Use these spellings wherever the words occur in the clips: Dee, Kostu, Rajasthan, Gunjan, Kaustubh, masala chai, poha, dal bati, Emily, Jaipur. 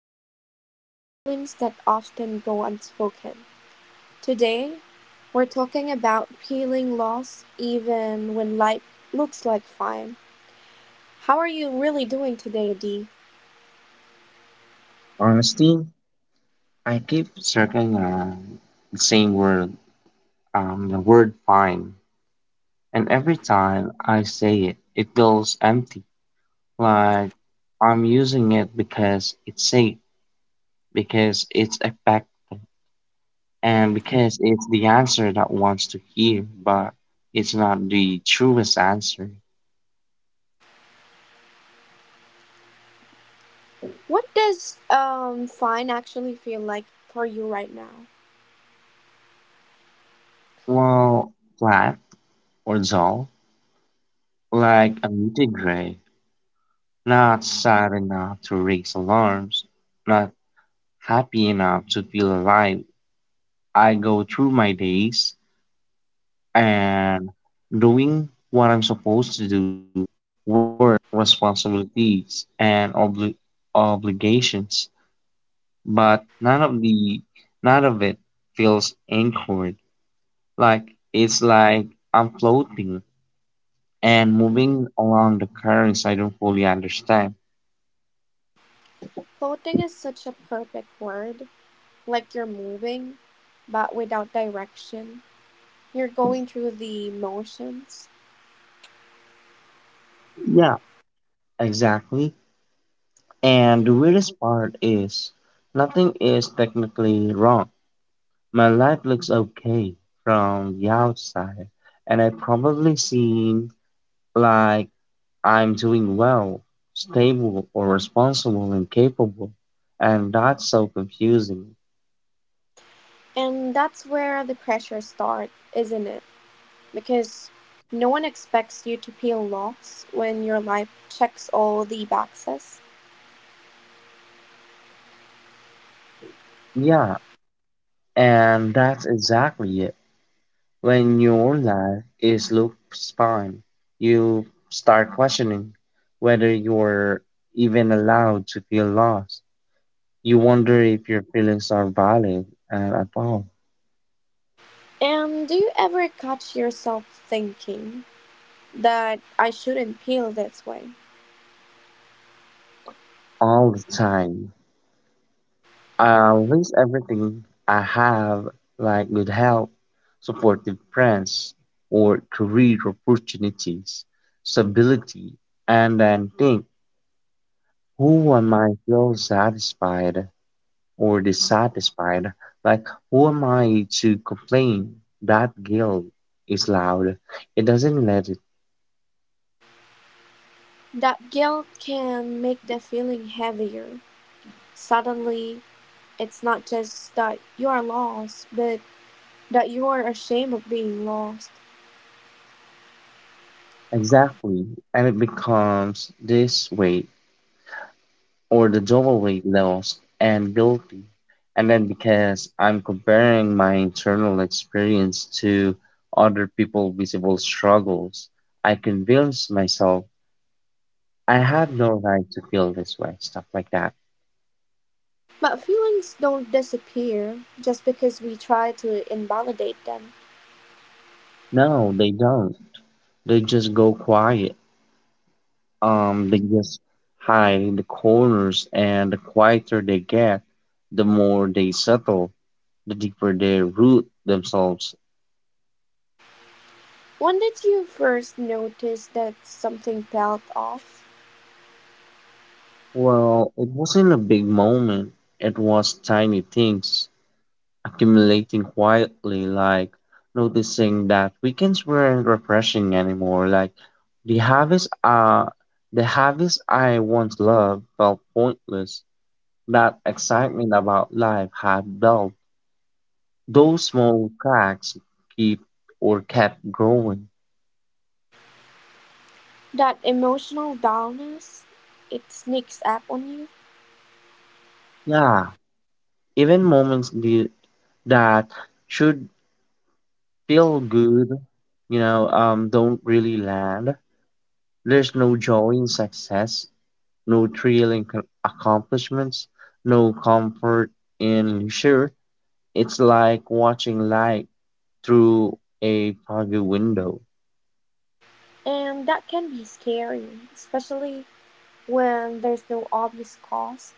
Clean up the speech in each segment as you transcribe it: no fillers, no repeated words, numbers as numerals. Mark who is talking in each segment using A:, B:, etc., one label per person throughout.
A: we explore the feelings that often go unspoken. Today, we're talking about feeling lost even when life looks like fine. How are you really doing today, Dee?
B: Honestly, I keep circling around the same word, the word fine. And every time I say it, it feels empty. Like I'm using it because it's safe, because it's effective, and because it's the answer that wants to hear, but it's not the truest answer.
A: What does fine actually feel like for you right now?
B: Well, flat or dull, like a muted gray, not sad enough to raise alarms, not happy enough to feel alive. I go through my days and doing what I'm supposed to do work, responsibilities, and obligations. But none of the none of it feels anchored. Like it's like I'm floating and moving along the currents I don't fully understand.
A: Floating is such a perfect word, like you're moving, but without direction. You're going through the motions.
B: Yeah, exactly. And the weirdest part is nothing is technically wrong. My life looks okay from the outside, and I probably seem like I'm doing well, stable, or responsible and capable, and that's so confusing.
A: And that's where the pressure starts, isn't it? Because no one expects you to peel locks when your life checks all the boxes.
B: Yeah, and that's exactly it. When your life is looks fine, you start questioning whether you're even allowed to feel lost. You wonder if your feelings are valid and at
A: And do you ever catch yourself thinking that I shouldn't peel this way?
B: all the time. With everything I have, like good health, supportive friends, or career opportunities, stability, and then think, who am I feel satisfied or dissatisfied? Like, who am I to complain? That guilt is loud. It doesn't let it.
A: That guilt can make the feeling heavier. Suddenly, it's not just that you are lost, but that you are ashamed of being lost.
B: Exactly. And it becomes this way or the jewelry lost and guilty. And then because I'm comparing my internal experience to other people's visible struggles, I convince myself I have no right to feel this way, stuff like that.
A: But feelings don't disappear just because we try to invalidate them.
B: No, they don't. They just go quiet. They just hide in the corners, and the quieter they get, the more they settle, the deeper they root themselves.
A: When did you first notice that something felt off?
B: Well, it wasn't a big moment. It was tiny things accumulating quietly, like noticing that weekends weren't refreshing anymore. Like the harvest, uh, the harvest I once loved felt pointless. That excitement about life had dulled. Those small cracks keep or kept growing.
A: That emotional dullness, it sneaks up on you,
B: Yeah, even that should feel good, don't really land. There's no joy in success, no thrill in accomplishments, no comfort in leisure. It's like watching light through a foggy window.
A: and that can be scary, especially when there's no obvious cause,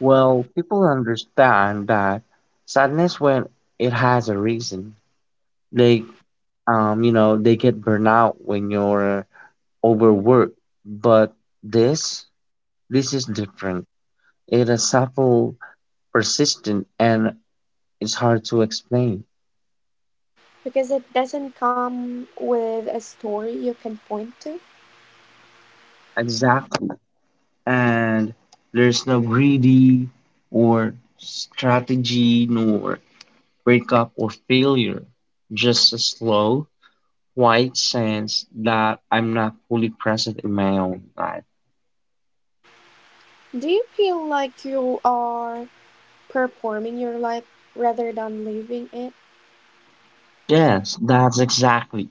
B: Well, people understand that sadness when it has a reason. They, you know, they get burnout when you're overworked. But this, this is different. It is subtle persistent and it's hard to explain.
A: because it doesn't come with a story you can point to.
B: Exactly. And there's no greedy or strategy nor breakup or failure. Just a slow, quiet sense that I'm not fully present in my own life.
A: Do you feel like you are performing your life rather than living it?
B: Yes, that's exactly.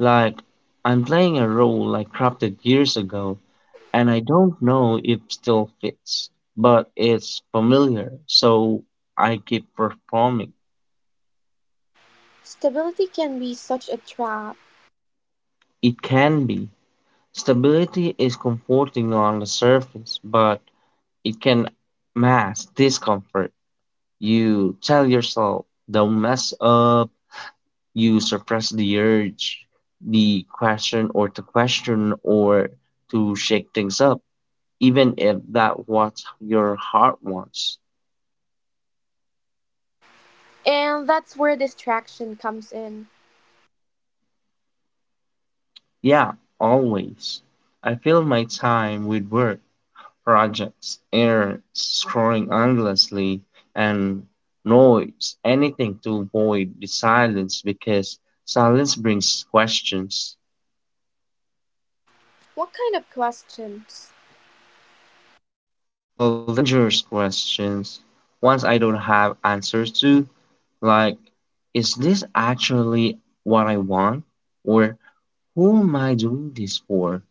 B: Like I'm playing a role I crafted years ago and I don't know if still fits, but it's familiar, so I keep performing.
A: Stability can be such a trap,
B: It can be. Stability is comforting on the surface, but it can mask discomfort. You tell yourself, don't mess up. You suppress the urge, the question, or to shake things up, even if that what your heart wants.
A: and that's where distraction comes in.
B: Yeah, always. I fill my time with work, projects, air scrolling endlessly, and noise, anything to avoid the silence because silence brings questions.
A: What kind of questions?
B: Well, dangerous questions, ones I don't have answers to, like, is this actually what I want? Or who am I doing this for?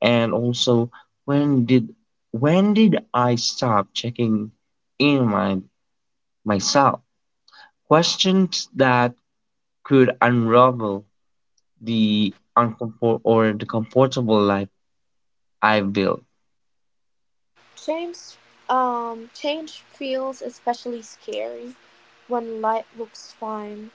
B: And also, when did when did I stop checking in my myself? Questions that could unravel the uncomfort or the comfortable life I built.
A: Change, change feels especially scary when life looks fine.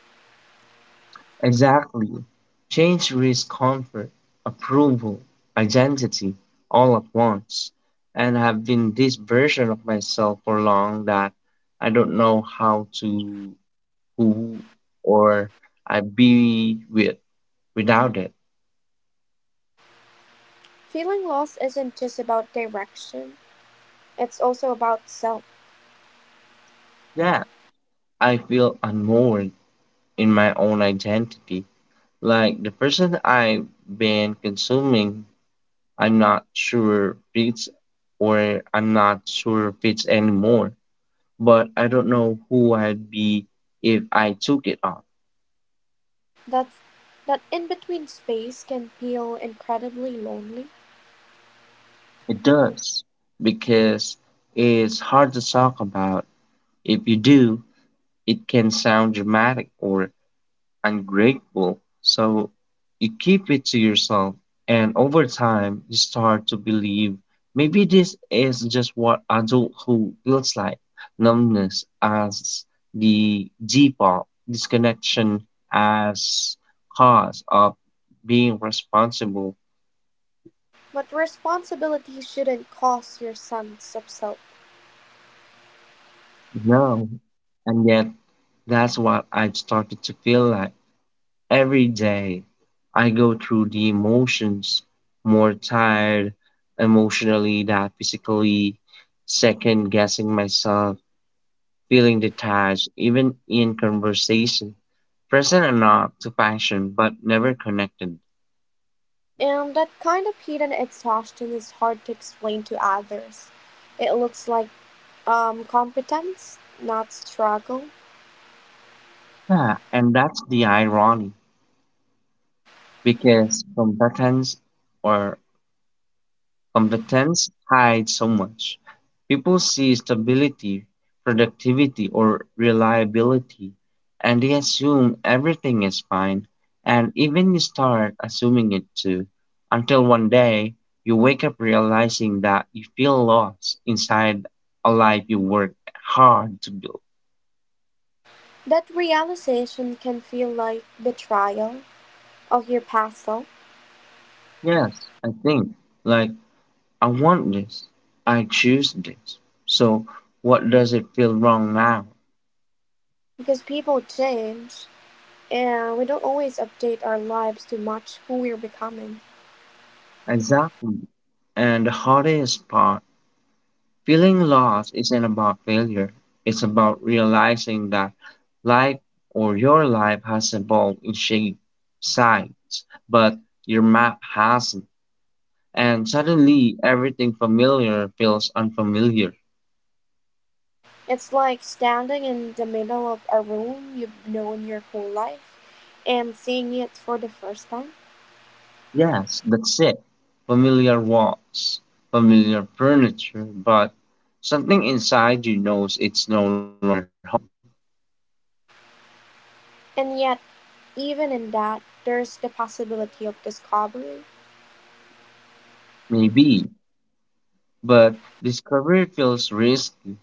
B: Exactly. Change risks comfort, approval, identity all at once. And I've been this version of myself for long that I don't know how to who or I be with without it.
A: Feeling lost isn't just about direction; it's also about self.
B: Yeah, I feel unmoored in my own identity. Like the person I've been consuming I'm not sure if it's I'm not sure if it's anymore, but I don't know who I'd be if I took it off.
A: That's that in-between space can feel incredibly lonely,
B: It does, because it's hard to talk about. If you do, it can sound dramatic or ungrateful. So you keep it to yourself, and over time, you start to believe maybe this is just what adulthood feels like numbness as the default, disconnection as cause of being responsible.
A: but responsibility shouldn't cost your sense of self.
B: No, and yet that's what I've started to feel like. Every day I go through the emotions, more tired emotionally than physically, second guessing myself, feeling detached, even in conversation, present enough to function but never connected.
A: And that kind of hidden exhaustion is hard to explain to others. It looks like competence, not struggle.
B: Yeah, and that's the irony because or competence hides so much. People see stability, productivity, or reliability, and they assume everything is fine, and even you start assuming it too, until one day you wake up realizing that you feel lost inside a life you worked hard to build.
A: That realization can feel like betrayal of your past self
B: Yes, I think, like, I want this, I choose this. So, what does it feel wrong now?
A: because people change and we don't always update our lives to match who we're becoming.
B: Exactly. And the hardest part, feeling lost isn't about failure. It's about realizing that life or your life has evolved in shape, size, but your map hasn't. And suddenly everything familiar feels unfamiliar.
A: It's like standing in the middle of a room you've known your whole life and seeing it for the first time.
B: Yes, that's it. Familiar walls, familiar furniture, but something inside you knows it's no longer home.
A: And yet, even in that, there's the possibility of discovery.
B: Maybe, but discovery feels risky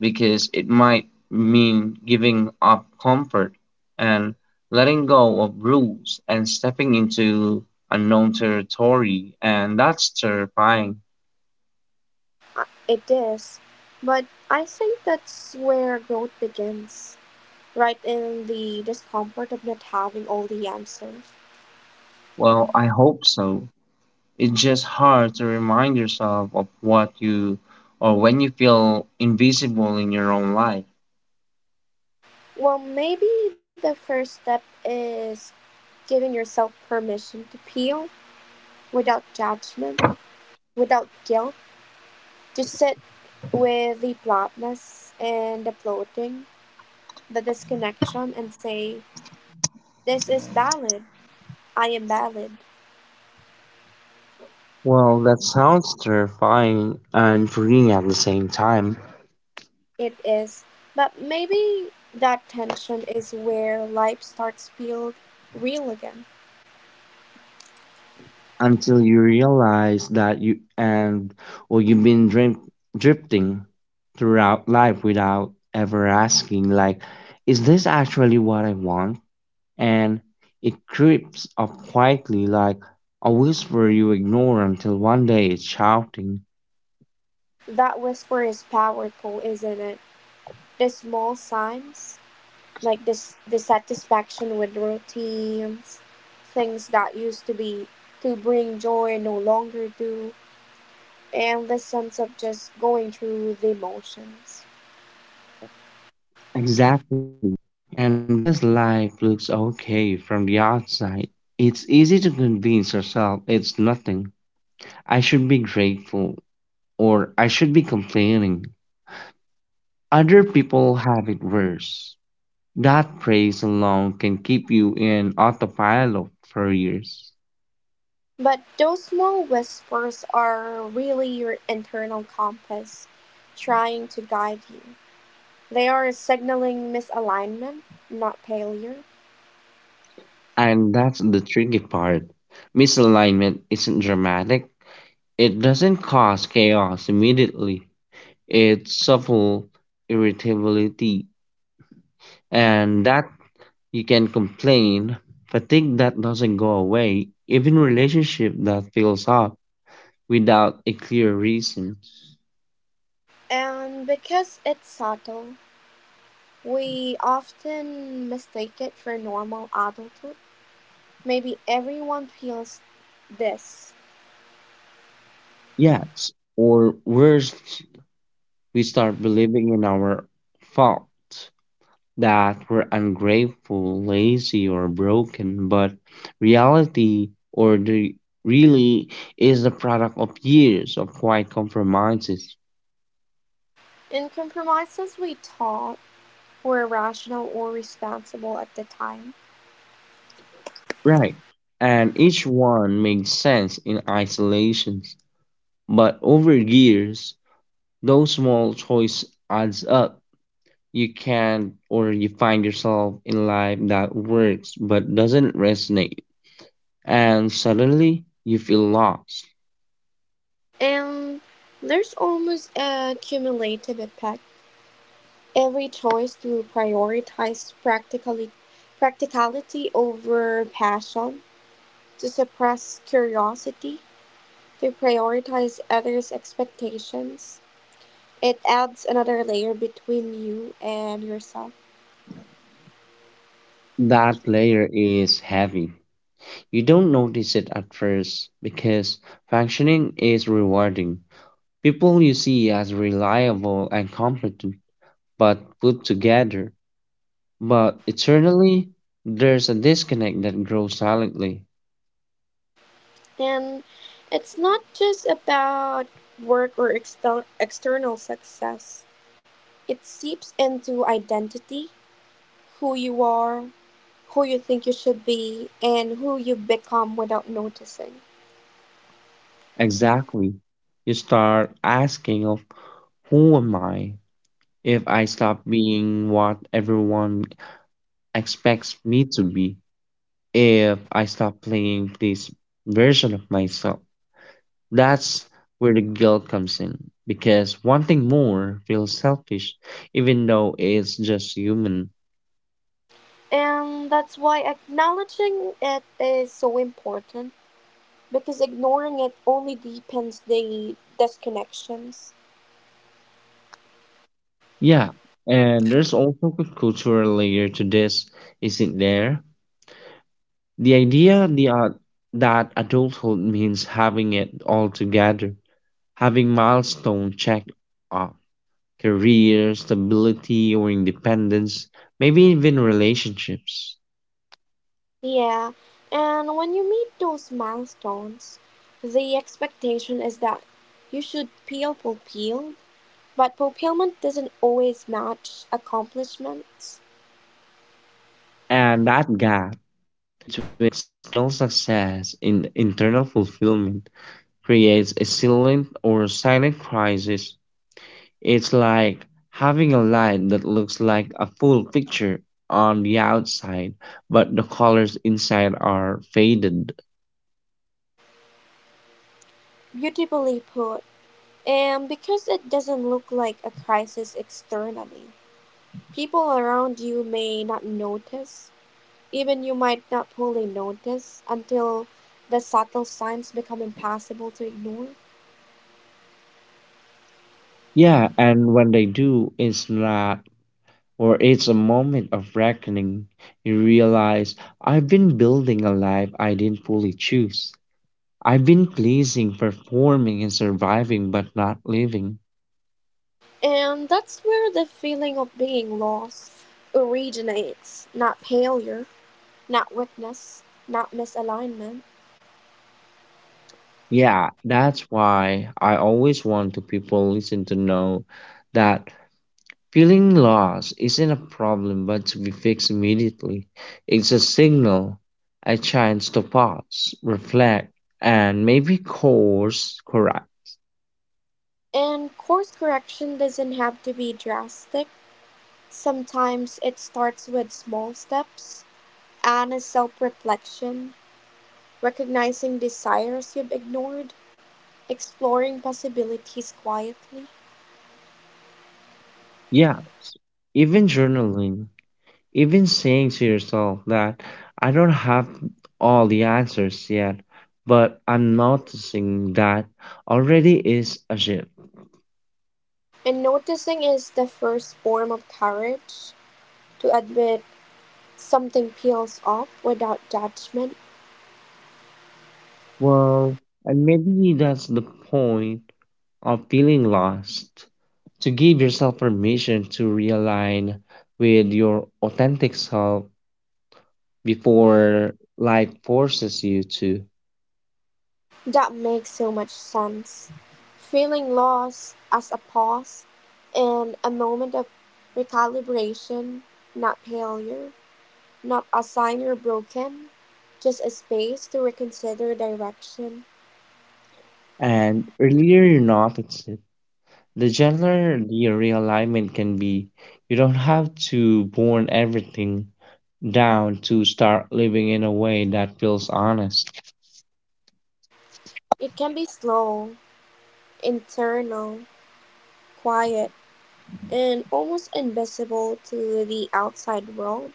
B: because it might mean giving up comfort and letting go of rules and stepping into unknown territory, and that's terrifying.
A: It is. But I think that's where growth begins, right in the discomfort of not having all the answers.
B: Well, I hope so. It's just hard to remind yourself of what you or when you feel invisible in your own life.
A: Well, maybe the first step is giving yourself permission to peel without judgment, without guilt, to sit with the bluntness and the floating, the disconnection, and say, "This is valid. I am valid."
B: Well, that sounds terrifying and freeing at the same time.
A: It is. But maybe that tension is where life starts to feel real again.
B: Until you realize that you and or you've been drifting throughout life without ever asking like is this actually what I want, and it creeps up quietly like a whisper you ignore until one day it's shouting.
A: That whisper is powerful, isn't it? The small signs, like this dissatisfaction with routines, things that used to be to bring joy no longer do, and the sense of just going through the motions.
B: Exactly, and because life looks okay from the outside it's easy to convince yourself it's nothing. I should be grateful or I should be complaining. Other people have it worse. That praise alone can keep you in autopilot for years.
A: But those small whispers are really your internal compass trying to guide you. They are signaling misalignment, not failure.
B: And that's the tricky part. Misalignment isn't dramatic, it doesn't cause chaos immediately. It's subtle irritability, and that you can complain, fatigue that doesn't go away, even relationship that fills up without a clear reason.
A: And because it's subtle, we often mistake it for normal adulthood. Maybe everyone feels this,
B: Yes, or worse, we start believing in our faults, that we're ungrateful, lazy, or broken. But reality, or the really, is the product of years of quiet compromises.
A: and compromises we thought were rational or responsible at the time.
B: Right. And each one made sense in isolation. But over years, those small choice adds up. You can or you find yourself in life that works but doesn't resonate and suddenly you feel lost.
A: And there's almost a cumulative effect. Every choice to prioritize practicality over passion, to suppress curiosity, to prioritize others' expectations. It adds another layer between you and yourself.
B: That layer is heavy. You don't notice it at first because functioning is rewarding. People you see as reliable and competent, but put together. But eternally, there's a disconnect that grows silently.
A: And it's not just about work or exter- external success, it seeps into identity, who you are, who you think you should be, and who you become without noticing.
B: Exactly. You start asking of who am I if I stop being what everyone expects me to be? If I stop playing this version of myself. That's where the guilt comes in because wanting more feels selfish, even though it's just human.
A: And that's why acknowledging it is so important because ignoring it only deepens the disconnections.
B: Yeah, and there's also a cultural layer to this, isn't there? The idea the, uh, that adulthood means having it all together, having milestone checked off, career, stability, or independence, maybe even relationships.
A: Yeah, and when you meet those milestones, the expectation is that you should peel, for peel, but fulfillment doesn't always match accomplishments.
B: And that gap between external success and internal fulfillment creates a silent or silent crisis. It's like having a light that looks like a full picture on the outside, but the colors inside are faded.
A: Beautifully put. And because it doesn't look like a crisis externally, people around you may not notice. Even you might not fully notice until the subtle signs become impossible to ignore.
B: Yeah, and when they do, it's not, or it's a moment of reckoning. You realize I've been building a life I didn't fully choose. I've been pleasing, performing, and surviving, but not living.
A: And that's where the feeling of being lost originates not failure, not weakness, not misalignment.
B: Yeah, that's why I always want to people listen to know that feeling lost isn't a problem, but to be fixed immediately. It's a signal, a chance to pause, reflect, and maybe course correct.
A: And course correction doesn't have to be drastic. Sometimes it starts with small steps and a self reflection, recognizing desires you've ignored, exploring possibilities quietly.
B: Yeah, even journaling even saying to yourself that I don't have all the answers yet, but I'm noticing that already is a shift.
A: And noticing is the first form of courage to admit something peels off without judgment.
B: Well, and maybe that's the point of feeling lost to give yourself permission to realign with your authentic self before life forces you to.
A: That makes so much sense. Feeling lost as a pause and a moment of recalibration, not failure. Not a sign or broken, just a space to reconsider direction.
B: And earlier you notice it, the general realignment can be you don't have to burn everything down to start living in a way that feels honest.
A: It can be slow, internal, quiet, and almost invisible to the outside world,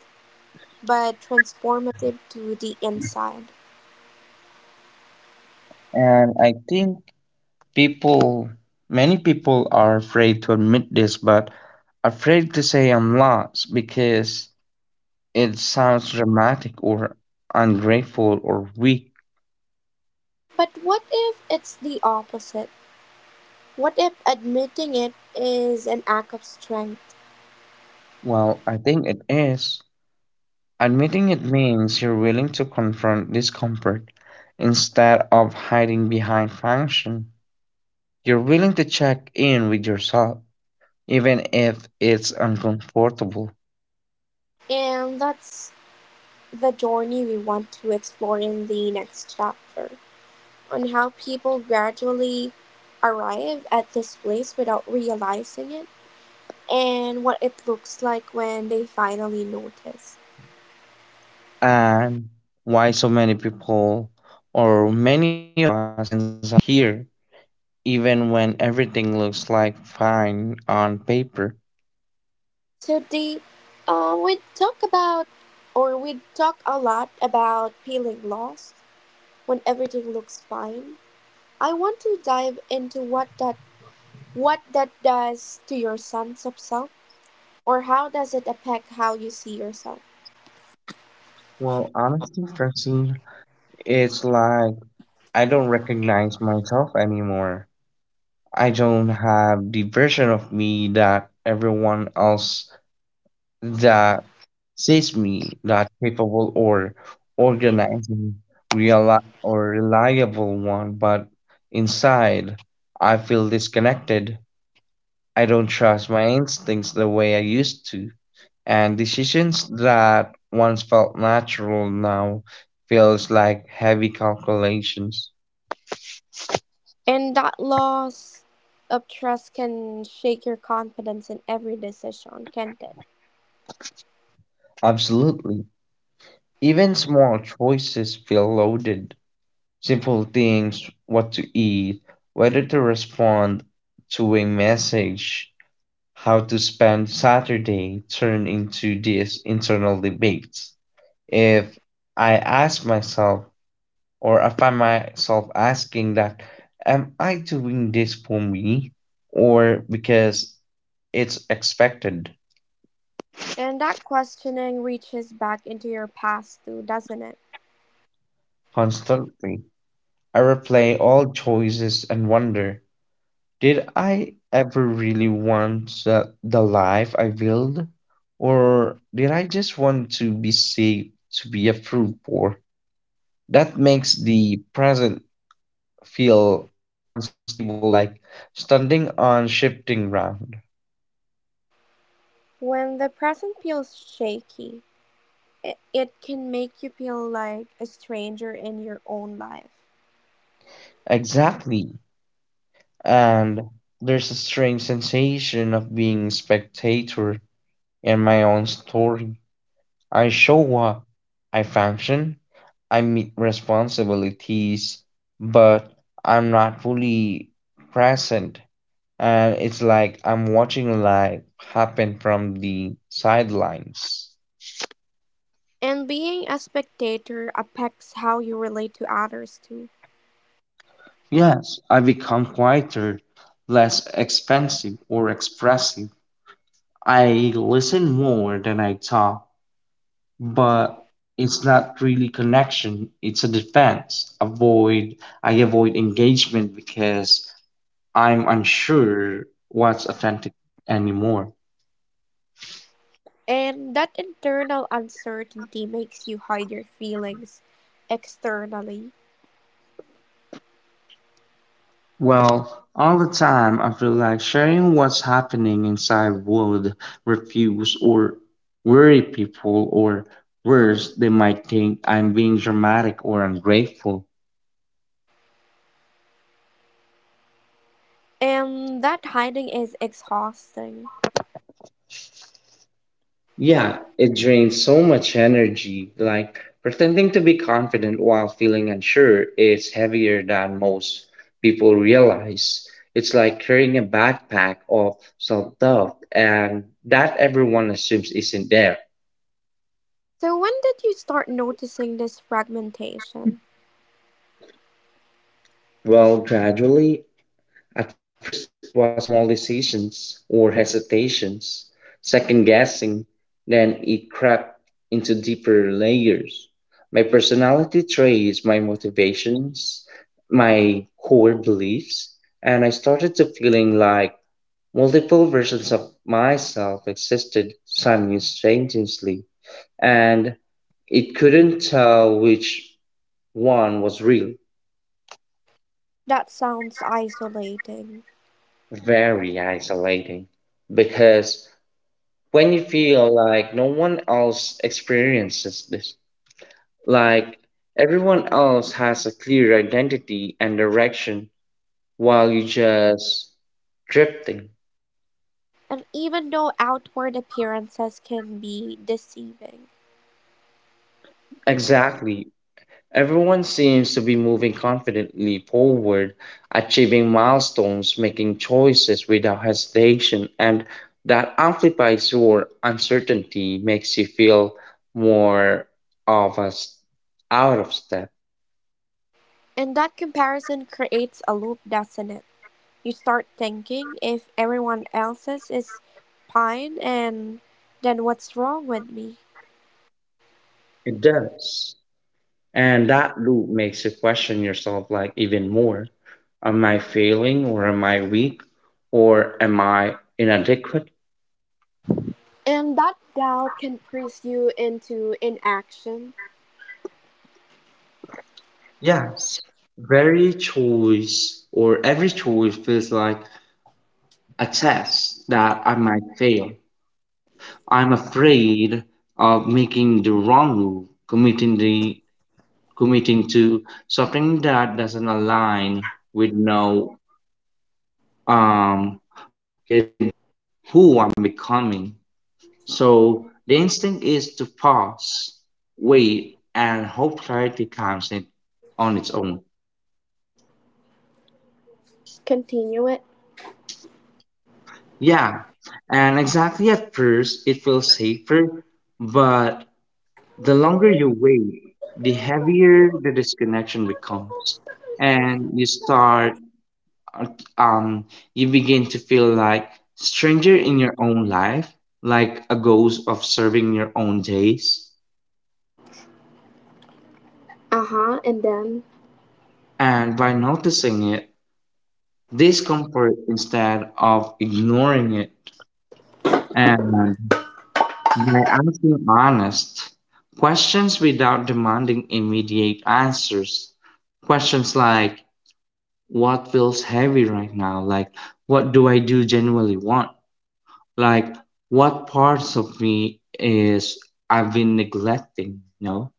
A: but transformative to the inside.
B: And I think people, many people are afraid to admit this, but afraid to say I'm lost because it sounds dramatic or ungrateful or weak.
A: But what if it's the opposite? What if admitting it is an act of strength?
B: Well, I think it is. Admitting it means you're willing to confront discomfort instead of hiding behind function. You're willing to check in with yourself, even if it's uncomfortable.
A: And that's the journey we want to explore in the next chapter, on how people gradually arrive at this place without realizing it and what it looks like when they finally notice.
B: And why so many people or many of us ends up here, even when everything looks like fine on paper.
A: Today, uh, we talk about we talk a lot about feeling lost when everything looks fine. I want to dive into what that does to your sense of self or how does it affect how you see yourself.
B: Well, honestly, Francine, it's like I don't recognize myself anymore. I don't have the version of me that everyone else that sees me that capable or organizing real or reliable one, but inside I feel disconnected. I don't trust my instincts the way I used to, and decisions that once felt natural now feels like heavy calculations.
A: And that loss of trust can shake your confidence in every decision, can't it?
B: Absolutely. Even small choices feel loaded simple things, what to eat, whether to respond to a message, how to spend Saturday turn into these internal debates. If I ask myself, or I find myself asking that, am I doing this for me or because it's expected
A: And that questioning reaches back into your past too, doesn't it?
B: constantly? I replay all choices and wonder. Did I ever really want the life I built? Or did I just want to be safe, to be approved for? That makes the present feel unstable, like standing on shifting ground.
A: When the present feels shaky, it can make you feel like a stranger in your own life.
B: Exactly. And there's a strange sensation of being a spectator in my own story. I show up, I function, I meet responsibilities, but I'm not fully present. And it's like I'm watching life happen from the sidelines.
A: And being a spectator affects how you relate to others too.
B: Yes, I become quieter, less expensive or expressive. I listen more than I talk, but it's not really connection, it's a defense. Avoid I avoid engagement because I'm unsure what's authentic anymore.
A: And that internal uncertainty makes you hide your feelings externally.
B: Well, all the time I feel like sharing what's happening inside would refuse or worry people or worse they might think I'm being dramatic or ungrateful.
A: And that hiding is exhausting.
B: Yeah, it drains so much energy. Like pretending to be confident while feeling unsure is heavier than most people realize. It's like carrying a backpack of self doubt and that everyone assumes isn't there.
A: So, when did you start noticing this fragmentation?
B: Well, gradually, at first it was mollifications or hesitations, second guessing, then it crept into deeper layers. My personality traits, my motivations, my core beliefs, and I started to feeling like multiple versions of myself existed simultaneously, and it couldn't tell which one was real.
A: That sounds isolating.
B: Very isolating because when you feel like no one else experiences this, like everyone else has a clear identity and direction while you just drifting.
A: And even though outward appearances can be deceiving,
B: Exactly. Everyone seems to be moving confidently forward, achieving milestones, making choices without hesitation, and that amplifies your uncertainty, makes you feel more of us out of step.
A: and that comparison creates a loop, doesn't it? You start thinking if everyone else's is fine, and then what's wrong with me?
B: It does. And that loop makes you question yourself like even more. Am I failing or am I weak or am I inadequate?
A: And that doubt can press you into inaction.
B: Yes, very choice or every choice feels like a test that I might fail. I'm afraid of making the wrong move, committing to something that doesn't align with no um with who I'm becoming. So the instinct is to pause, wait, and hope clarity comes in on its own.
A: Continue it.
B: Yeah, and exactly at first it feels safer, but the longer you wait, the heavier the disconnection becomes. And you uh, um, you begin to feel like stranger in your own life, like a ghost of serving your own days.
A: Uh huh, and then?
B: And by noticing it, discomfort instead of ignoring it. And by asking honest questions without demanding immediate answers, questions like, what feels heavy right now? Like, what do I do genuinely want? Like, what parts of me is I've been neglecting, you know?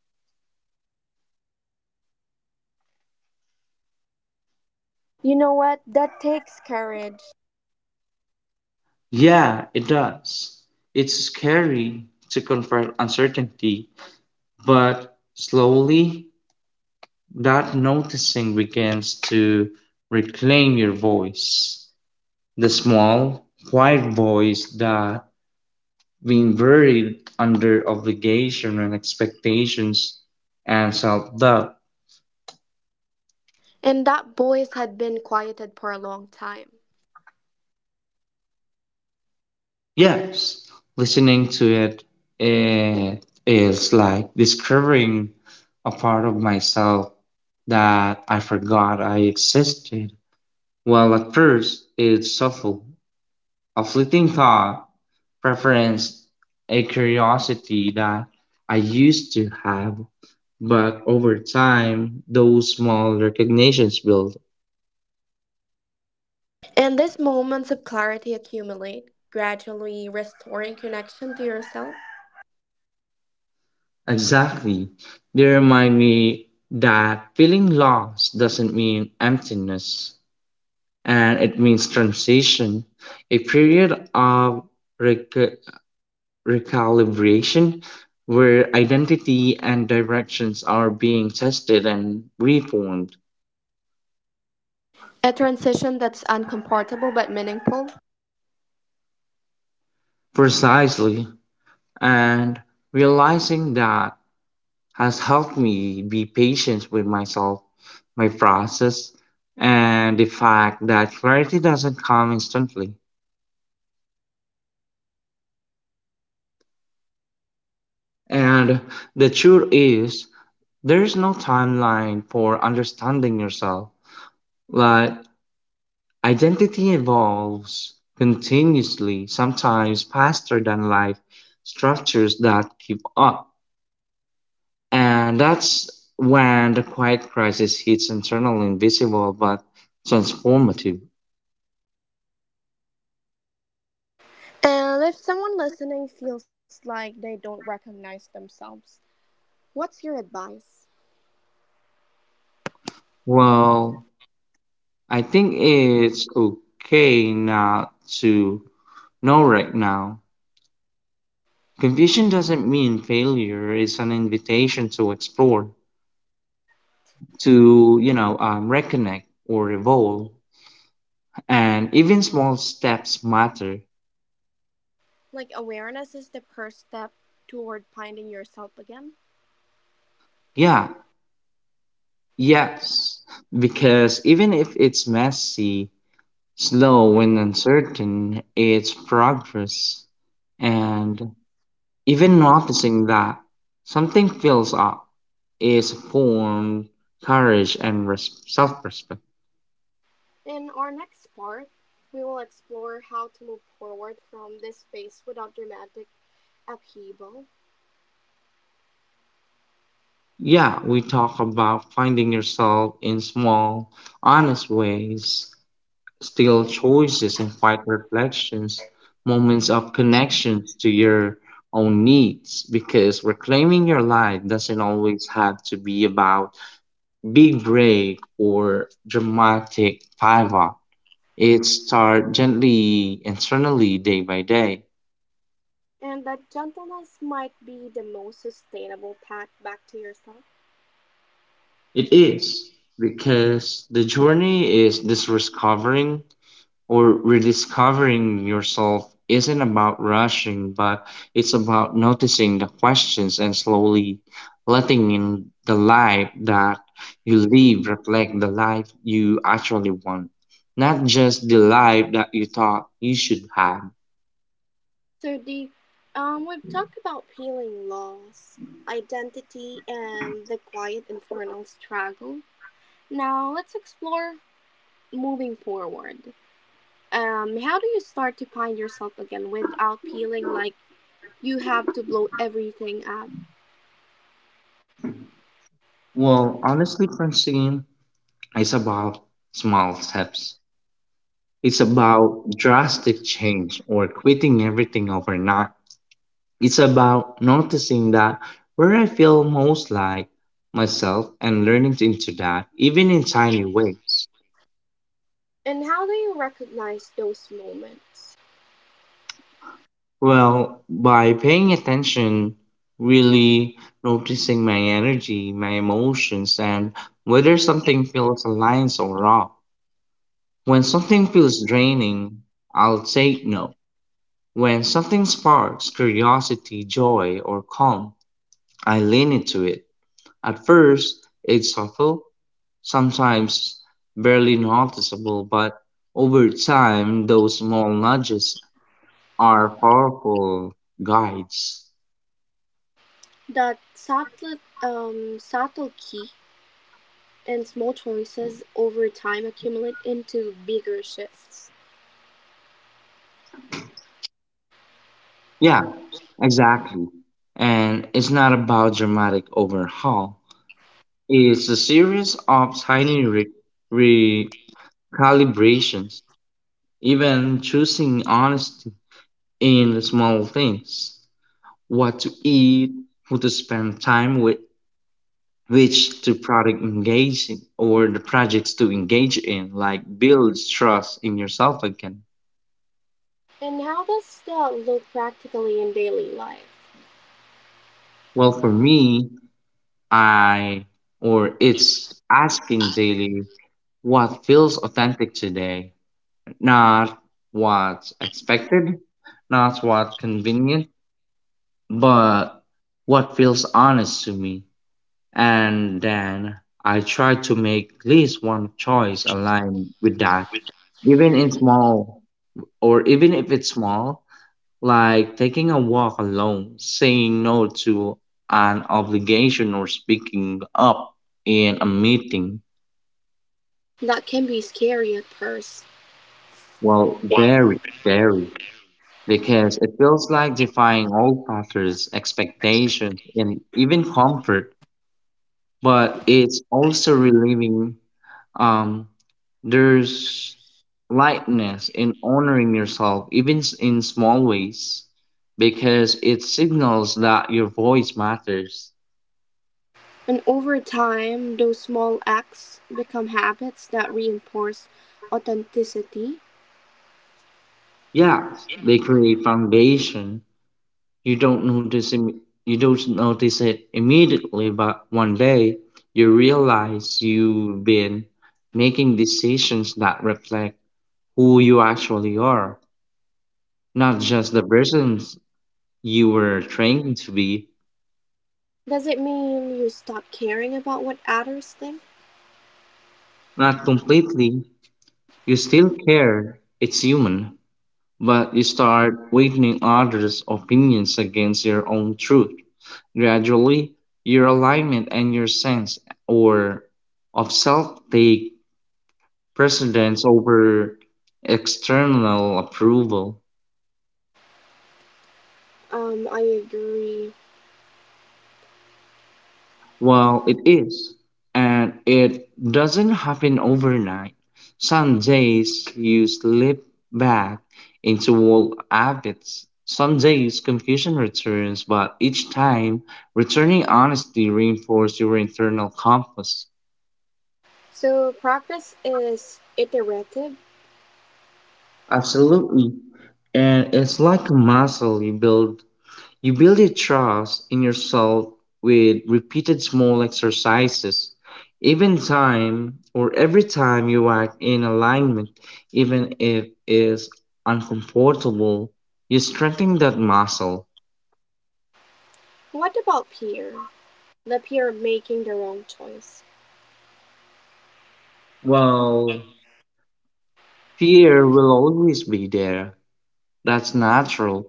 A: You know what? That takes courage.
B: Yeah, it does. It's scary to confront uncertainty, but slowly that noticing begins to reclaim your voice, the small, quiet voice that, being buried under obligation and expectations and self doubt,
A: And that voice had been quieted for a long time.
B: yes, listening to it, it is like discovering a part of myself that I forgot I existed. Well, at first, it's subtle, a fleeting thought preference, a curiosity that I used to have, but over time, those small recognitions build.
A: And these moments of clarity accumulate, gradually restoring connection to yourself.
B: Exactly. They remind me that feeling lost doesn't mean emptiness, and it means transition, a period of rec- recalibration where identity and directions are being tested and reformed.
A: A transition that's uncomfortable but meaningful.
B: Precisely. And realizing that has helped me be patient with myself, my process, and the fact that clarity doesn't come instantly. And the truth is, there's no timeline for understanding yourself. Like, identity evolves continuously, sometimes faster than life structures that keep up. And that's when the quiet crisis hits internally invisible but transformative.
A: And if someone listening feels like they don't recognize themselves, what's your advice?
B: Well, I think it's okay not to know right now. Confusion doesn't mean failure, it's an invitation to explore, to, reconnect or evolve. And even small steps matter.
A: Like, awareness is the first step toward finding yourself again?
B: Yeah, yes, because even if it's messy, slow and uncertain its progress, and even noticing that something fills up is formed courage and self-respect.
A: In our next part, we will explore how to move forward from this phase without dramatic upheaval,
B: Yeah, we talk about finding yourself in small, honest ways, still choices and quiet reflections, moments of connections to your own needs, because reclaiming your life doesn't always have to be about big break or dramatic pivot. It starts gently internally day by day.
A: and that gentleness might be the most sustainable path back to yourself.
B: It is because the journey is discovering or rediscovering yourself isn't about rushing, but it's about noticing the questions and slowly letting in the life that you live reflect the life you actually want, not just the life that you thought you should have.
A: So, the we've talked about healing loss, identity, and the quiet internal struggle. Now, let's explore moving forward. How do you start to find yourself again without feeling like you have to blow everything up?
B: Well, honestly, Francine, it's about small steps. It's about drastic change or quitting everything overnight. It's about noticing that where I feel most like myself and learning to- into that, even in tiny ways.
A: And how do you recognize those moments?
B: Well, by paying attention, really noticing my energy, my emotions, and whether something feels aligned or off. When something feels draining, I'll say no. When something sparks curiosity, joy, or calm, I lean into it. At first it's subtle, sometimes barely noticeable, but over time those small nudges are powerful guides.
A: That subtle, subtle key and small choices over time accumulate into bigger shifts.
B: Yeah, exactly. And it's not about dramatic overhaul. It's a series of tiny recalibrations. Even choosing honesty in small things, what to eat, who to spend time with, which to product engage in, or the projects to engage in, like builds trust in yourself again.
A: And how does that look practically in daily life?
B: Well, for me, I or it's asking daily what feels authentic today, not what's expected, not what convenient, but what feels honest to me. And then I try to make at least one choice aligned with that, even in small, or even if it's small, like taking a walk alone, saying no to an obligation, or speaking up in a meeting.
A: That can be scary at first.
B: Well, very, because it feels like defying old patterns, expectations, and even comfort, but it's also relieving. Um, There's lightness in honoring yourself, even in small ways, because it signals that your voice matters.
A: And over time, those small acts become habits that reinforce authenticity.
B: Yeah, they create foundation. You don't notice it immediately, but one day you realize you've been making decisions that reflect who you actually are, not just the persons you were trained to be,
A: Does it mean you stop caring about what others think?
B: not completely. You still care, it's human, but you start weighing others' opinions against your own truth. Gradually, your alignment and your sense or of self take precedence over external approval.
A: I agree.
B: Well, it is. And it doesn't happen overnight. Some days you slip back into old habits. Some days confusion returns, but each time, returning honesty reinforces your internal compass.
A: So progress is iterative.
B: Absolutely. And it's like a muscle you build. You build a trust in yourself with repeated small exercises. Even time or every time you act in alignment, even if it's uncomfortable, you strengthen that muscle.
A: What about peer? The peer making the wrong choice.
B: Well, fear will always be there. That's natural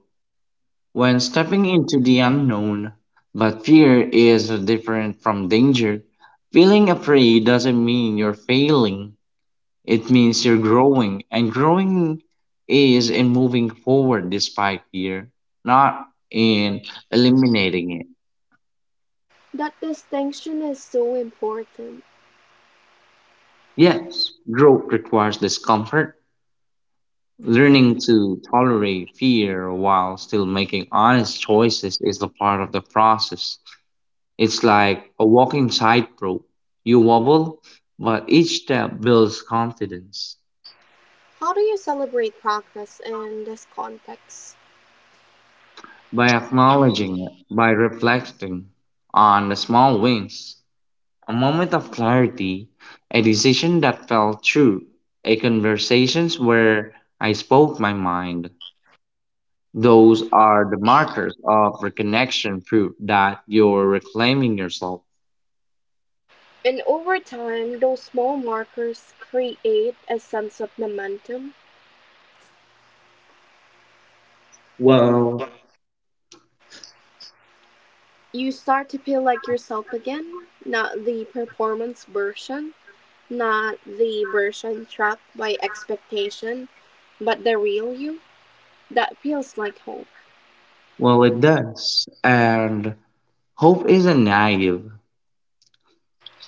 B: when stepping into the unknown. But fear is different from danger. Feeling afraid doesn't mean you're failing. It means you're growing, and growing is in moving forward despite fear, not in eliminating it.
A: That distinction is so important.
B: Yes, growth requires discomfort. Learning to tolerate fear while still making honest choices is a part of the process. It's like a walking tightrope. You wobble, but each step builds confidence.
A: How do you celebrate progress in this context?
B: By acknowledging it, by reflecting on the small wins, a moment of clarity, a decision that felt true, a conversations where I spoke my mind. Those are the markers of reconnection proof that you're reclaiming yourself.
A: And over time, those small markers create a sense of momentum.
B: Well,
A: You start to feel like yourself again, not the performance version, not the version trapped by expectation, but the real you. That feels like home.
B: well, it does. And hope isn't naive.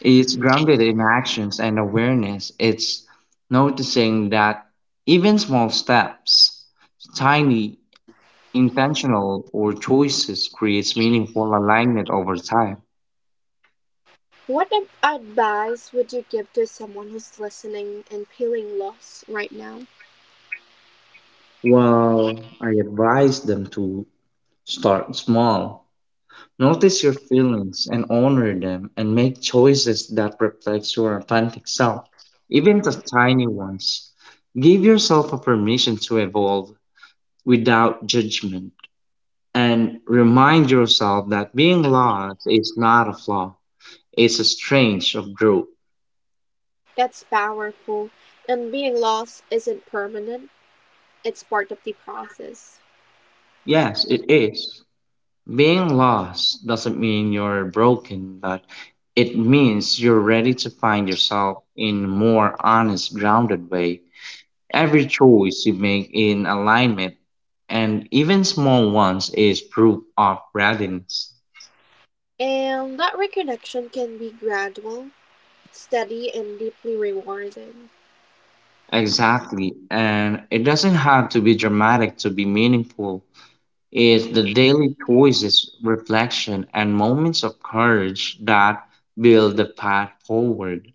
B: It's grounded in actions and awareness. It's noticing that even small steps, tiny intentional or choices creates meaningful alignment over time.
A: What ad- advice would you give to someone who's listening and feeling lost right now?
B: Well, I advise them to start small. Notice your feelings and honor them and make choices that reflect your authentic self, even the tiny ones. Give yourself a permission to evolve without judgment and remind yourself that being lost is not a flaw, it's a strange of growth.
A: That's powerful. And being lost isn't permanent, it's part of the process.
B: Yes, it is. Being lost doesn't mean you're broken, but it means you're ready to find yourself in a more honest, grounded way. Every choice you make in alignment, and even small ones, is proof of readiness.
A: And that reconnection can be gradual, steady, and deeply rewarding.
B: Exactly, and it doesn't have to be dramatic to be meaningful. It's the daily choices, reflection, and moments of courage that build the path forward.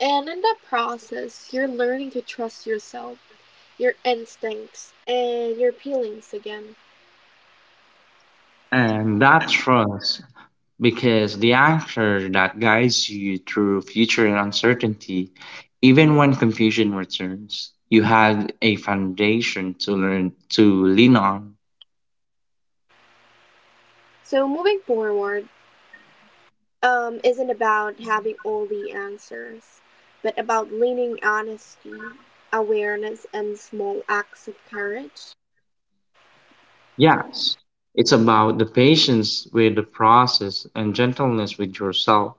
A: And in that process, you're learning to trust yourself, your instincts, and your feelings again.
B: And that trust because the anchor that guides you through future uncertainty, even when confusion returns, you had a foundation to learn to lean on.
A: So, moving forward, isn't about having all the answers, but about leaning honesty, awareness, and small acts of courage.
B: Yes, it's about the patience with the process and gentleness with yourself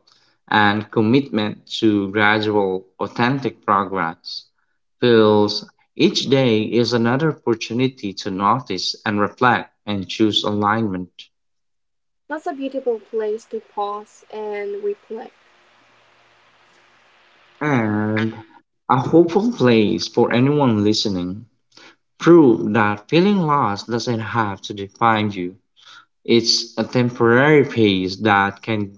B: and commitment to gradual, authentic progress. Feels each day is another opportunity to notice and reflect and choose alignment.
A: That's a beautiful place to pause and reflect.
B: And a hopeful place for anyone listening. Prove that feeling lost doesn't have to define you. It's a temporary pace that can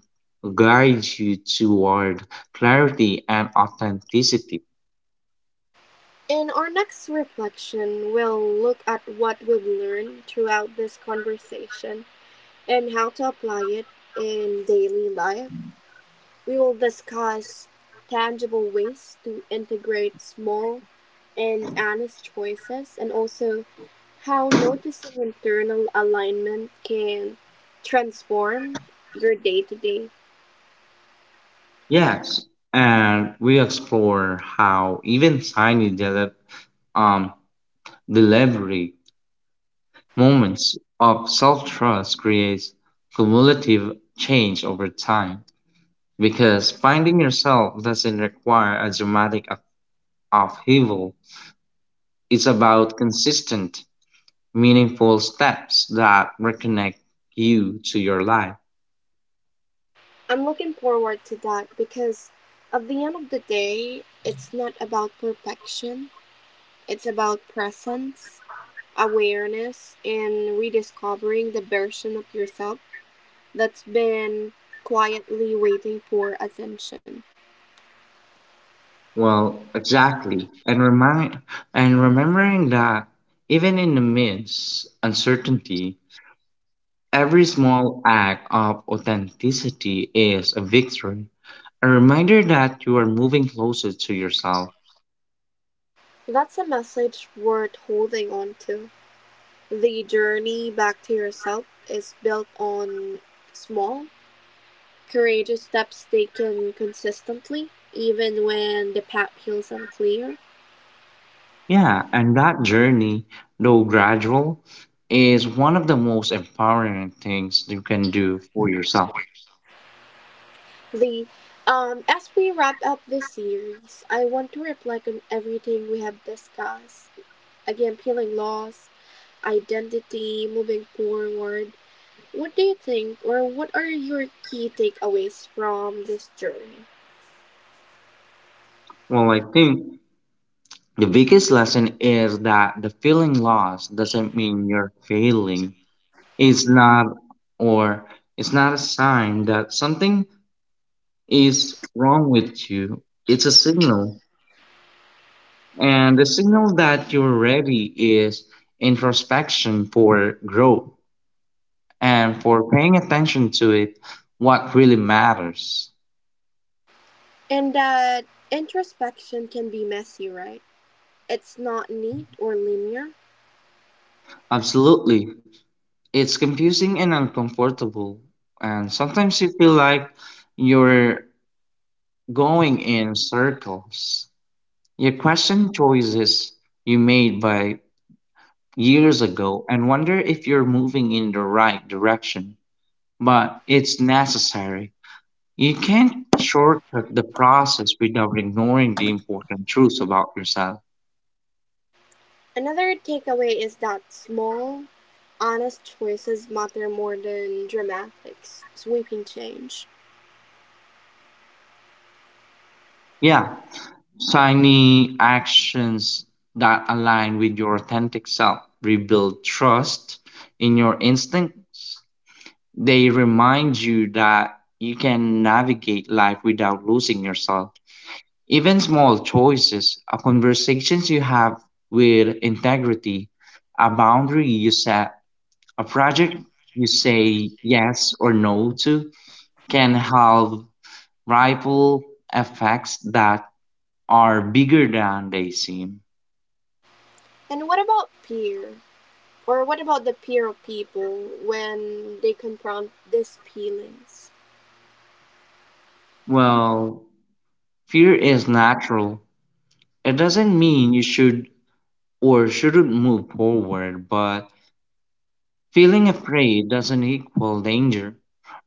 B: guide you toward clarity and authenticity.
A: In our next reflection, we'll look at what we've learned throughout this conversation and how to apply it in daily life. We will discuss tangible ways to integrate small and honest choices and also how noticing internal alignment can transform your day to day.
B: Yes, and we explore how even um, delivery moments of self-trust creates cumulative change over time. Because finding yourself doesn't require a dramatic upheaval. It's about consistent, meaningful steps that reconnect you to your life.
A: I'm looking forward to that because at the end of the day, it's not about perfection, it's about presence, awareness, and rediscovering the version of yourself that's been quietly waiting for attention.
B: Well, exactly. And remind and remembering that even in the midst uncertainty, every small act of authenticity is a victory. A reminder that you are moving closer to yourself.
A: That's a message worth holding on to. The journey back to yourself is built on small courageous steps taken consistently, even when the path feels unclear.
B: Yeah, and that journey, though gradual, is one of the most empowering things you can do for yourself.
A: The As we wrap up this series, I want to reflect on everything we have discussed. Again, feeling lost, identity, moving forward. What do you think, or what are your key takeaways from this journey?
B: Well, I think the biggest lesson is that the feeling lost doesn't mean you're failing. It's not, or it's not a sign that something is wrong with you. It's a signal. And the signal that you're ready is introspection for growth and for paying attention to it, what really matters.
A: And that introspection can be messy, right? It's not neat or linear.
B: Absolutely. It's confusing and uncomfortable, and sometimes you feel like you're going in circles. You question choices you made by years ago and wonder if you're moving in the right direction, but it's necessary. You can't shortcut the process without ignoring the important truths about yourself.
A: Another takeaway is that small, honest choices matter more than dramatic, sweeping change.
B: Yeah, tiny actions that align with your authentic self rebuild trust in your instincts. They remind you that you can navigate life without losing yourself. Even small choices, a conversations you have with integrity, a boundary you set, a project you say yes or no to, can have ripple effects that are bigger than they seem.
A: And what about peer? Or what about the peer of people when they confront these feelings?
B: Well, fear is natural. It doesn't mean you shouldn't move forward, but feeling afraid doesn't equal danger.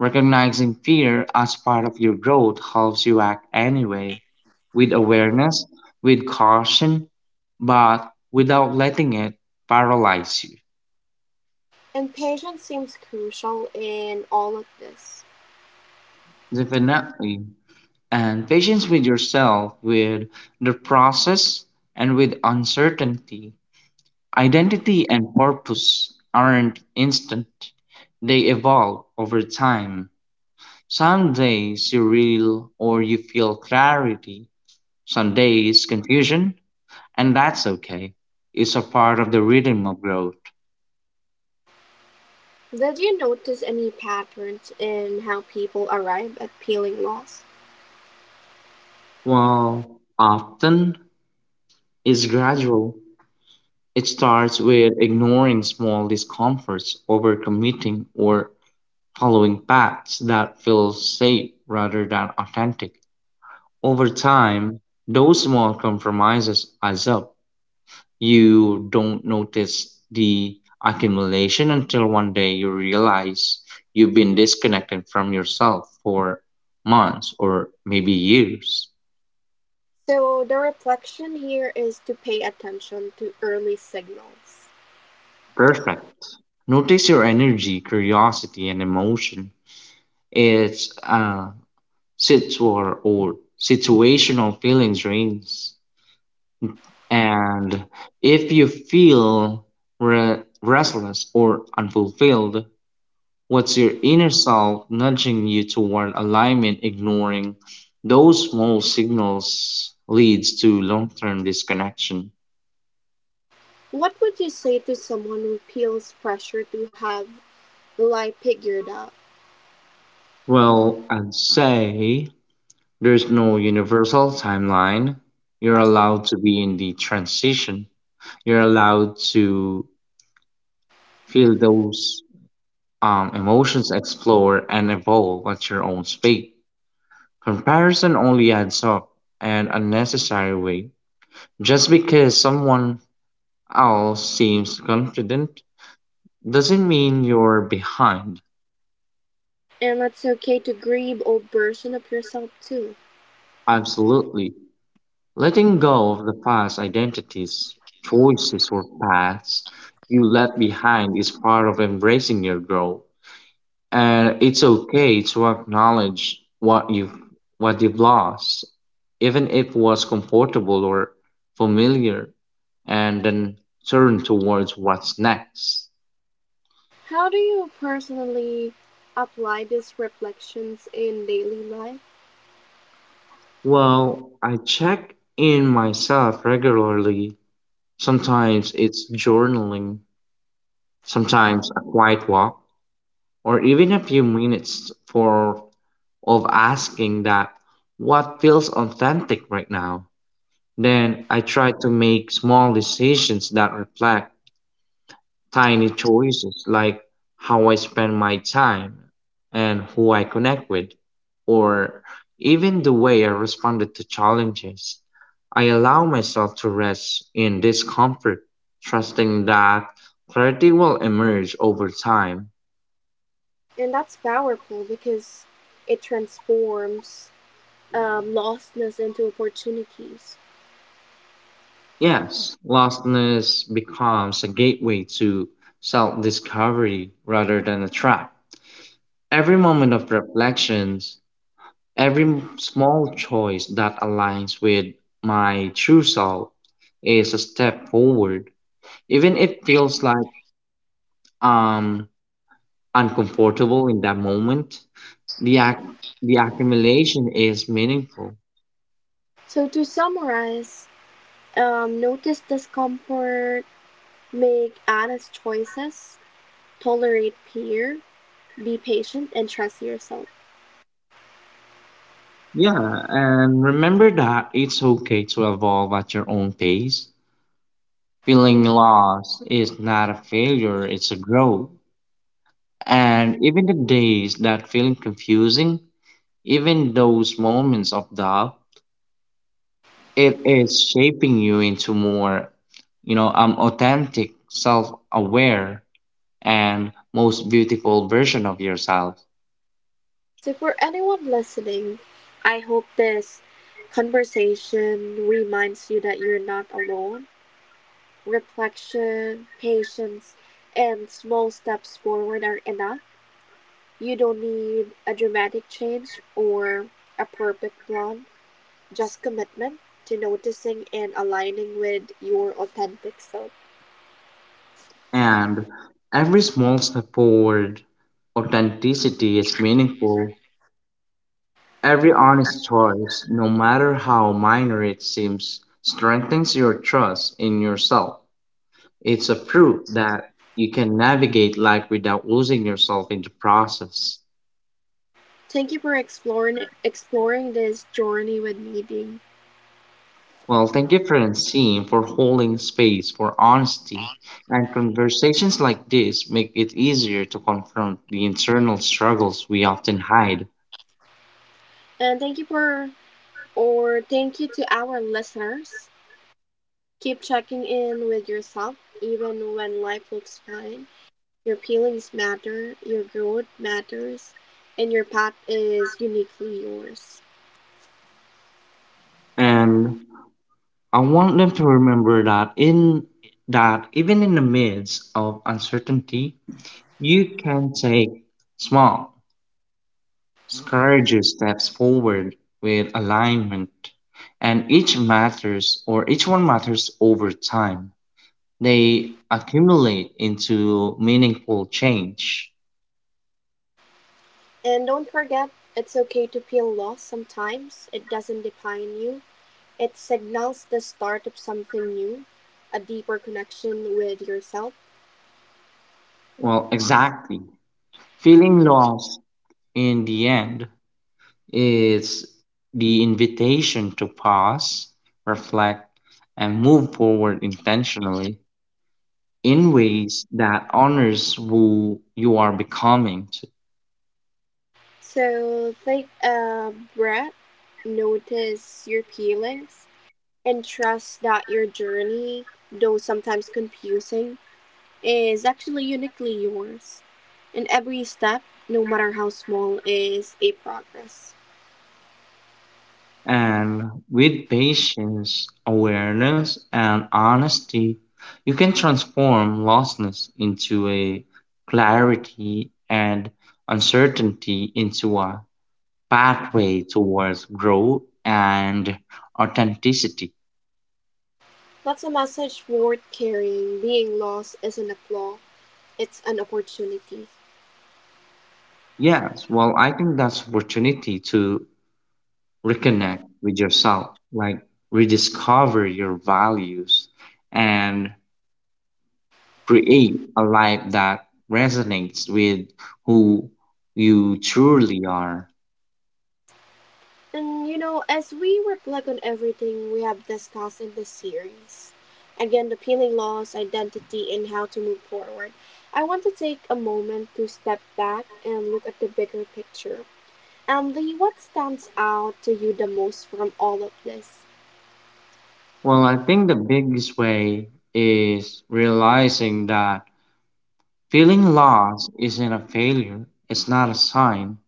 B: Recognizing fear as part of your growth helps you act anyway, with awareness, with caution, but without letting it paralyze you.
A: And patience seems crucial in all of this.
B: Definitely. And patience with yourself, with the process, and with uncertainty. Identity and purpose aren't instant, they evolve over time. Some days you real or you feel clarity, some days confusion, and that's okay. It's a part of the rhythm of growth.
A: Did you notice any patterns in how people arrive at peeling loss?
B: Well, often it's gradual. It starts with ignoring small discomforts, overcommitting, or following paths that feel safe rather than authentic. Over time, those small compromises adds up. You don't notice the accumulation until one day you realize you've been disconnected from yourself for months or maybe years.
A: So, the reflection here is to pay attention to early signals.
B: Perfect. Notice your energy, curiosity, and emotion. It's a situa or situational feelings range. And if you feel restless or unfulfilled, what's your inner self nudging you toward alignment? Ignoring those small signals leads to long term disconnection.
A: What would you say to someone who feels pressure to have life figured out?
B: Well, I'd say there's no universal timeline. You're allowed to be in the transition, you're allowed to feel those emotions, explore, and evolve at your own speed. Comparison only adds up and unnecessary way. Just because someone Al seems confident doesn't mean you're behind.
A: And it's okay to grieve old version of yourself too.
B: Absolutely. Letting go of the past identities, choices, or paths you left behind is part of embracing your growth. And it's okay to acknowledge what you've lost, even if it was comfortable or familiar, and then turn towards what's next.
A: How do you personally apply these reflections in daily life?
B: Well, I check in myself regularly. Sometimes it's journaling, sometimes a quiet walk, or even a few minutes for of asking that what feels authentic right now. Then I try to make small decisions that reflect tiny choices like how I spend my time and who I connect with, or even the way I responded to challenges. I allow myself to rest in discomfort, trusting that clarity will emerge over time.
A: And that's powerful because it transforms lostness into opportunities.
B: Yes, lostness becomes a gateway to self discovery rather than a trap. Every moment of reflection, every small choice that aligns with my true self is a step forward. Even if it feels like um uncomfortable in that moment, the act the accumulation is meaningful.
A: So to summarize, notice discomfort, make honest choices, tolerate fear, be patient, and trust yourself.
B: Yeah, and remember that it's okay to evolve at your own pace. Feeling lost is not a failure, it's a growth. And even the days that feeling confusing, even those moments of doubt, it is shaping you into more, authentic, self aware, and most beautiful version of yourself.
A: So, for anyone listening, I hope this conversation reminds you that you're not alone. Reflection, patience, and small steps forward are enough. You don't need a dramatic change or a perfect plan, just commitment to noticing and aligning with your authentic self.
B: And every small step forward, authenticity is meaningful. Every honest choice, no matter how minor it seems, strengthens your trust in yourself. It's a proof that you can navigate life without losing yourself in the process.
A: Thank you for exploring this journey with me, Dee.
B: Well, thank you, Francine, for holding space for honesty. And conversations like this make it easier to confront the internal struggles we often hide.
A: And thank you to our listeners. Keep checking in with yourself even when life looks fine. Your feelings matter, your growth matters, and your path is uniquely yours.
B: And I want them to remember that in that even in the midst of uncertainty, you can take small, courageous steps forward with alignment. And each one matters over time. They accumulate into meaningful change.
A: And don't forget, it's okay to feel lost sometimes. It doesn't define you, it signals the start of something new, a deeper connection with yourself.
B: Well, exactly. Feeling lost in the end is the invitation to pause, reflect, and move forward intentionally in ways that honors who you are becoming.
A: So take a breath, notice your feelings, and trust that your journey, though sometimes confusing, is actually uniquely yours. And every step, no matter how small, is a progress.
B: And with patience, awareness, and honesty, you can transform lostness into a clarity and uncertainty into a pathway towards growth and authenticity.
A: That's a message worth carrying. Being lost isn't a flaw, it's an opportunity.
B: Yes, well, I think that's opportunity to reconnect with yourself, like rediscover your values and create a life that resonates with who you truly are.
A: And you know, as we reflect on everything we have discussed in this series, again, the feeling loss, identity, and how to move forward, I want to take a moment to step back and look at the bigger picture. Emily, what stands out to you the most from all of this?
B: Well, I think the biggest way is realizing that feeling lost isn't a failure, it's not a sign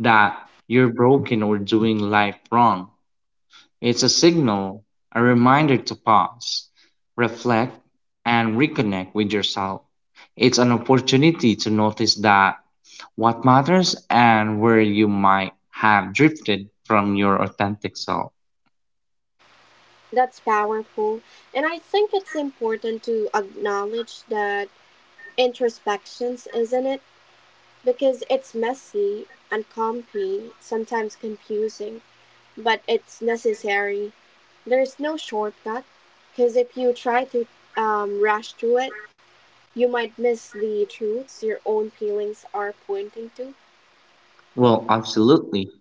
B: that you're broken or doing life wrong. It's a signal, a reminder to pause, reflect, and reconnect with yourself. It's an opportunity to notice that what matters and where you might have drifted from your authentic self.
A: That's powerful. And I think it's important to acknowledge that introspections, isn't it? Because it's messy, uncomfy, sometimes confusing, but it's necessary. There's no shortcut, because if you try to rush through it, you might miss the truths your own feelings are pointing to.
B: Well, absolutely.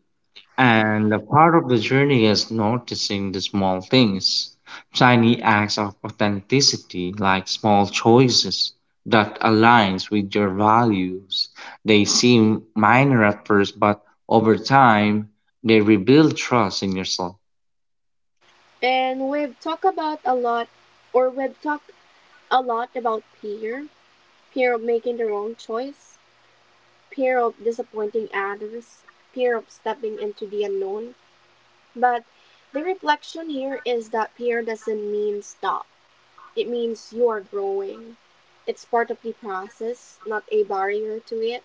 B: And a part of the journey is noticing the small things, tiny acts of authenticity, like small choices that aligns with your values. They seem minor at first, but over time, they rebuild trust in yourself.
A: And we've talked a lot about fear, fear of making the wrong choice, fear of disappointing others, fear of stepping into the unknown. But the reflection here is that fear doesn't mean stop, it means you are growing. It's part of the process, not a barrier to it.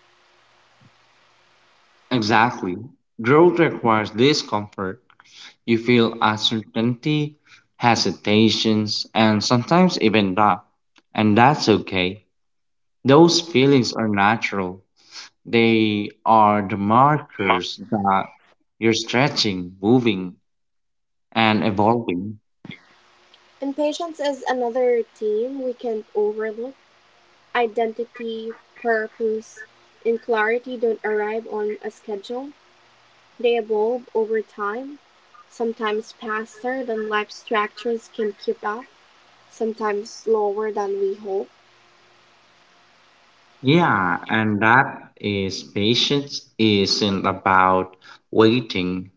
B: Exactly. Growth requires discomfort. You feel uncertainty, hesitations, and sometimes even doubt. And that's okay. Those feelings are natural. They are the markers that you're stretching, moving, and evolving.
A: And patience is another theme we can't overlook. Identity, purpose, and clarity don't arrive on a schedule, they evolve over time, sometimes faster than life structures can keep up, sometimes slower than we hope.
B: Yeah, and that is patience isn't about waiting,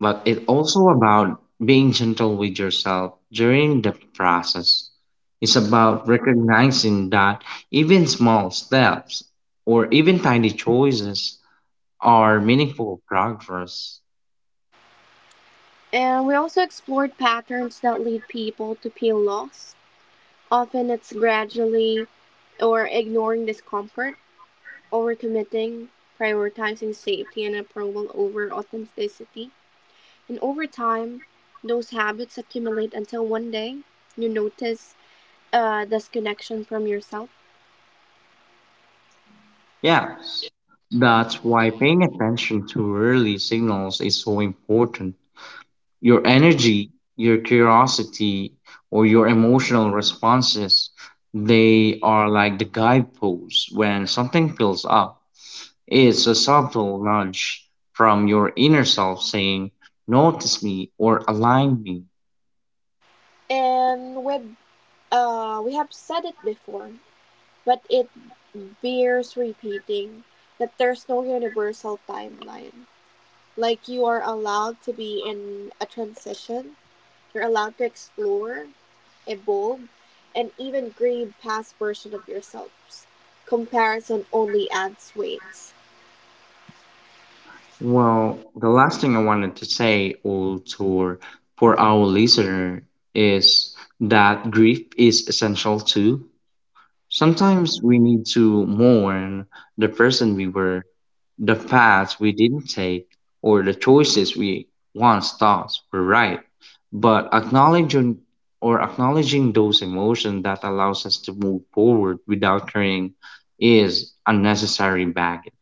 B: but it's also about being gentle with yourself during the process. It's about recognizing that even small steps or even tiny choices are meaningful progress.
A: And we also explored patterns that lead people to feel lost. Often it's gradually or ignoring discomfort, overcommitting, prioritizing safety and approval over authenticity. And over time, those habits accumulate until one day you notice disconnection from yourself.
B: Yes, that's why paying attention to early signals is so important. Your energy, your curiosity, or your emotional responses, they are like the guideposts when something fills up. It's a subtle nudge from your inner self saying, notice me or align me.
A: And we have said it before, but it bears repeating that there's no universal timeline. Like you are allowed to be in a transition, you're allowed to explore, evolve, and even grieve past versions of yourselves. Comparison only adds weight.
B: Well, the last thing I wanted to say, Ultor, for our listener is that grief is essential too. Sometimes we need to mourn the person we were, the paths we didn't take, or the choices we once thought were right. But acknowledging those emotions that allows us to move forward without carrying is unnecessary baggage.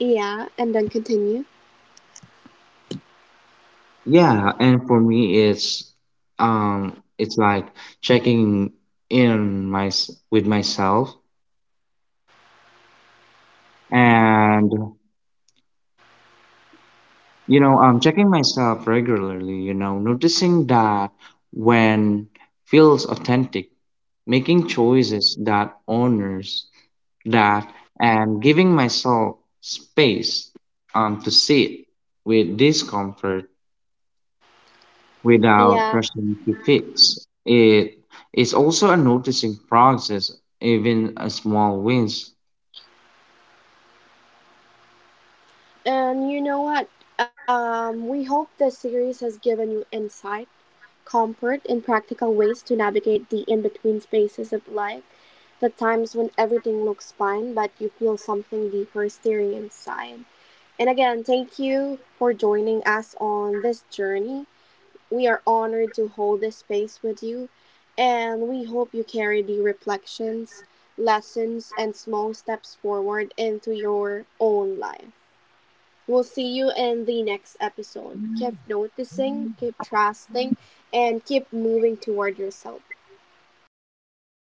A: Yeah, and then continue.
B: Yeah, and for me, it's like checking in my with myself and, you know, I'm checking myself regularly, you know, noticing that when feels authentic, making choices that honors that and giving myself space to sit with discomfort without
A: Yeah,
B: rushing to fix it. Is also a noticing process, even a small wins.
A: and you know what? We hope this series has given you insight comfort and practical ways to navigate the in between spaces of life, the times when everything looks fine but you feel something deeper stirring inside. And again, thank you for joining us on this journey. We are honored to hold this space with you, and we hope you carry the reflections, lessons, and small steps forward into your own life. We'll see you in the next episode. Keep noticing, keep trusting, and keep moving toward yourself.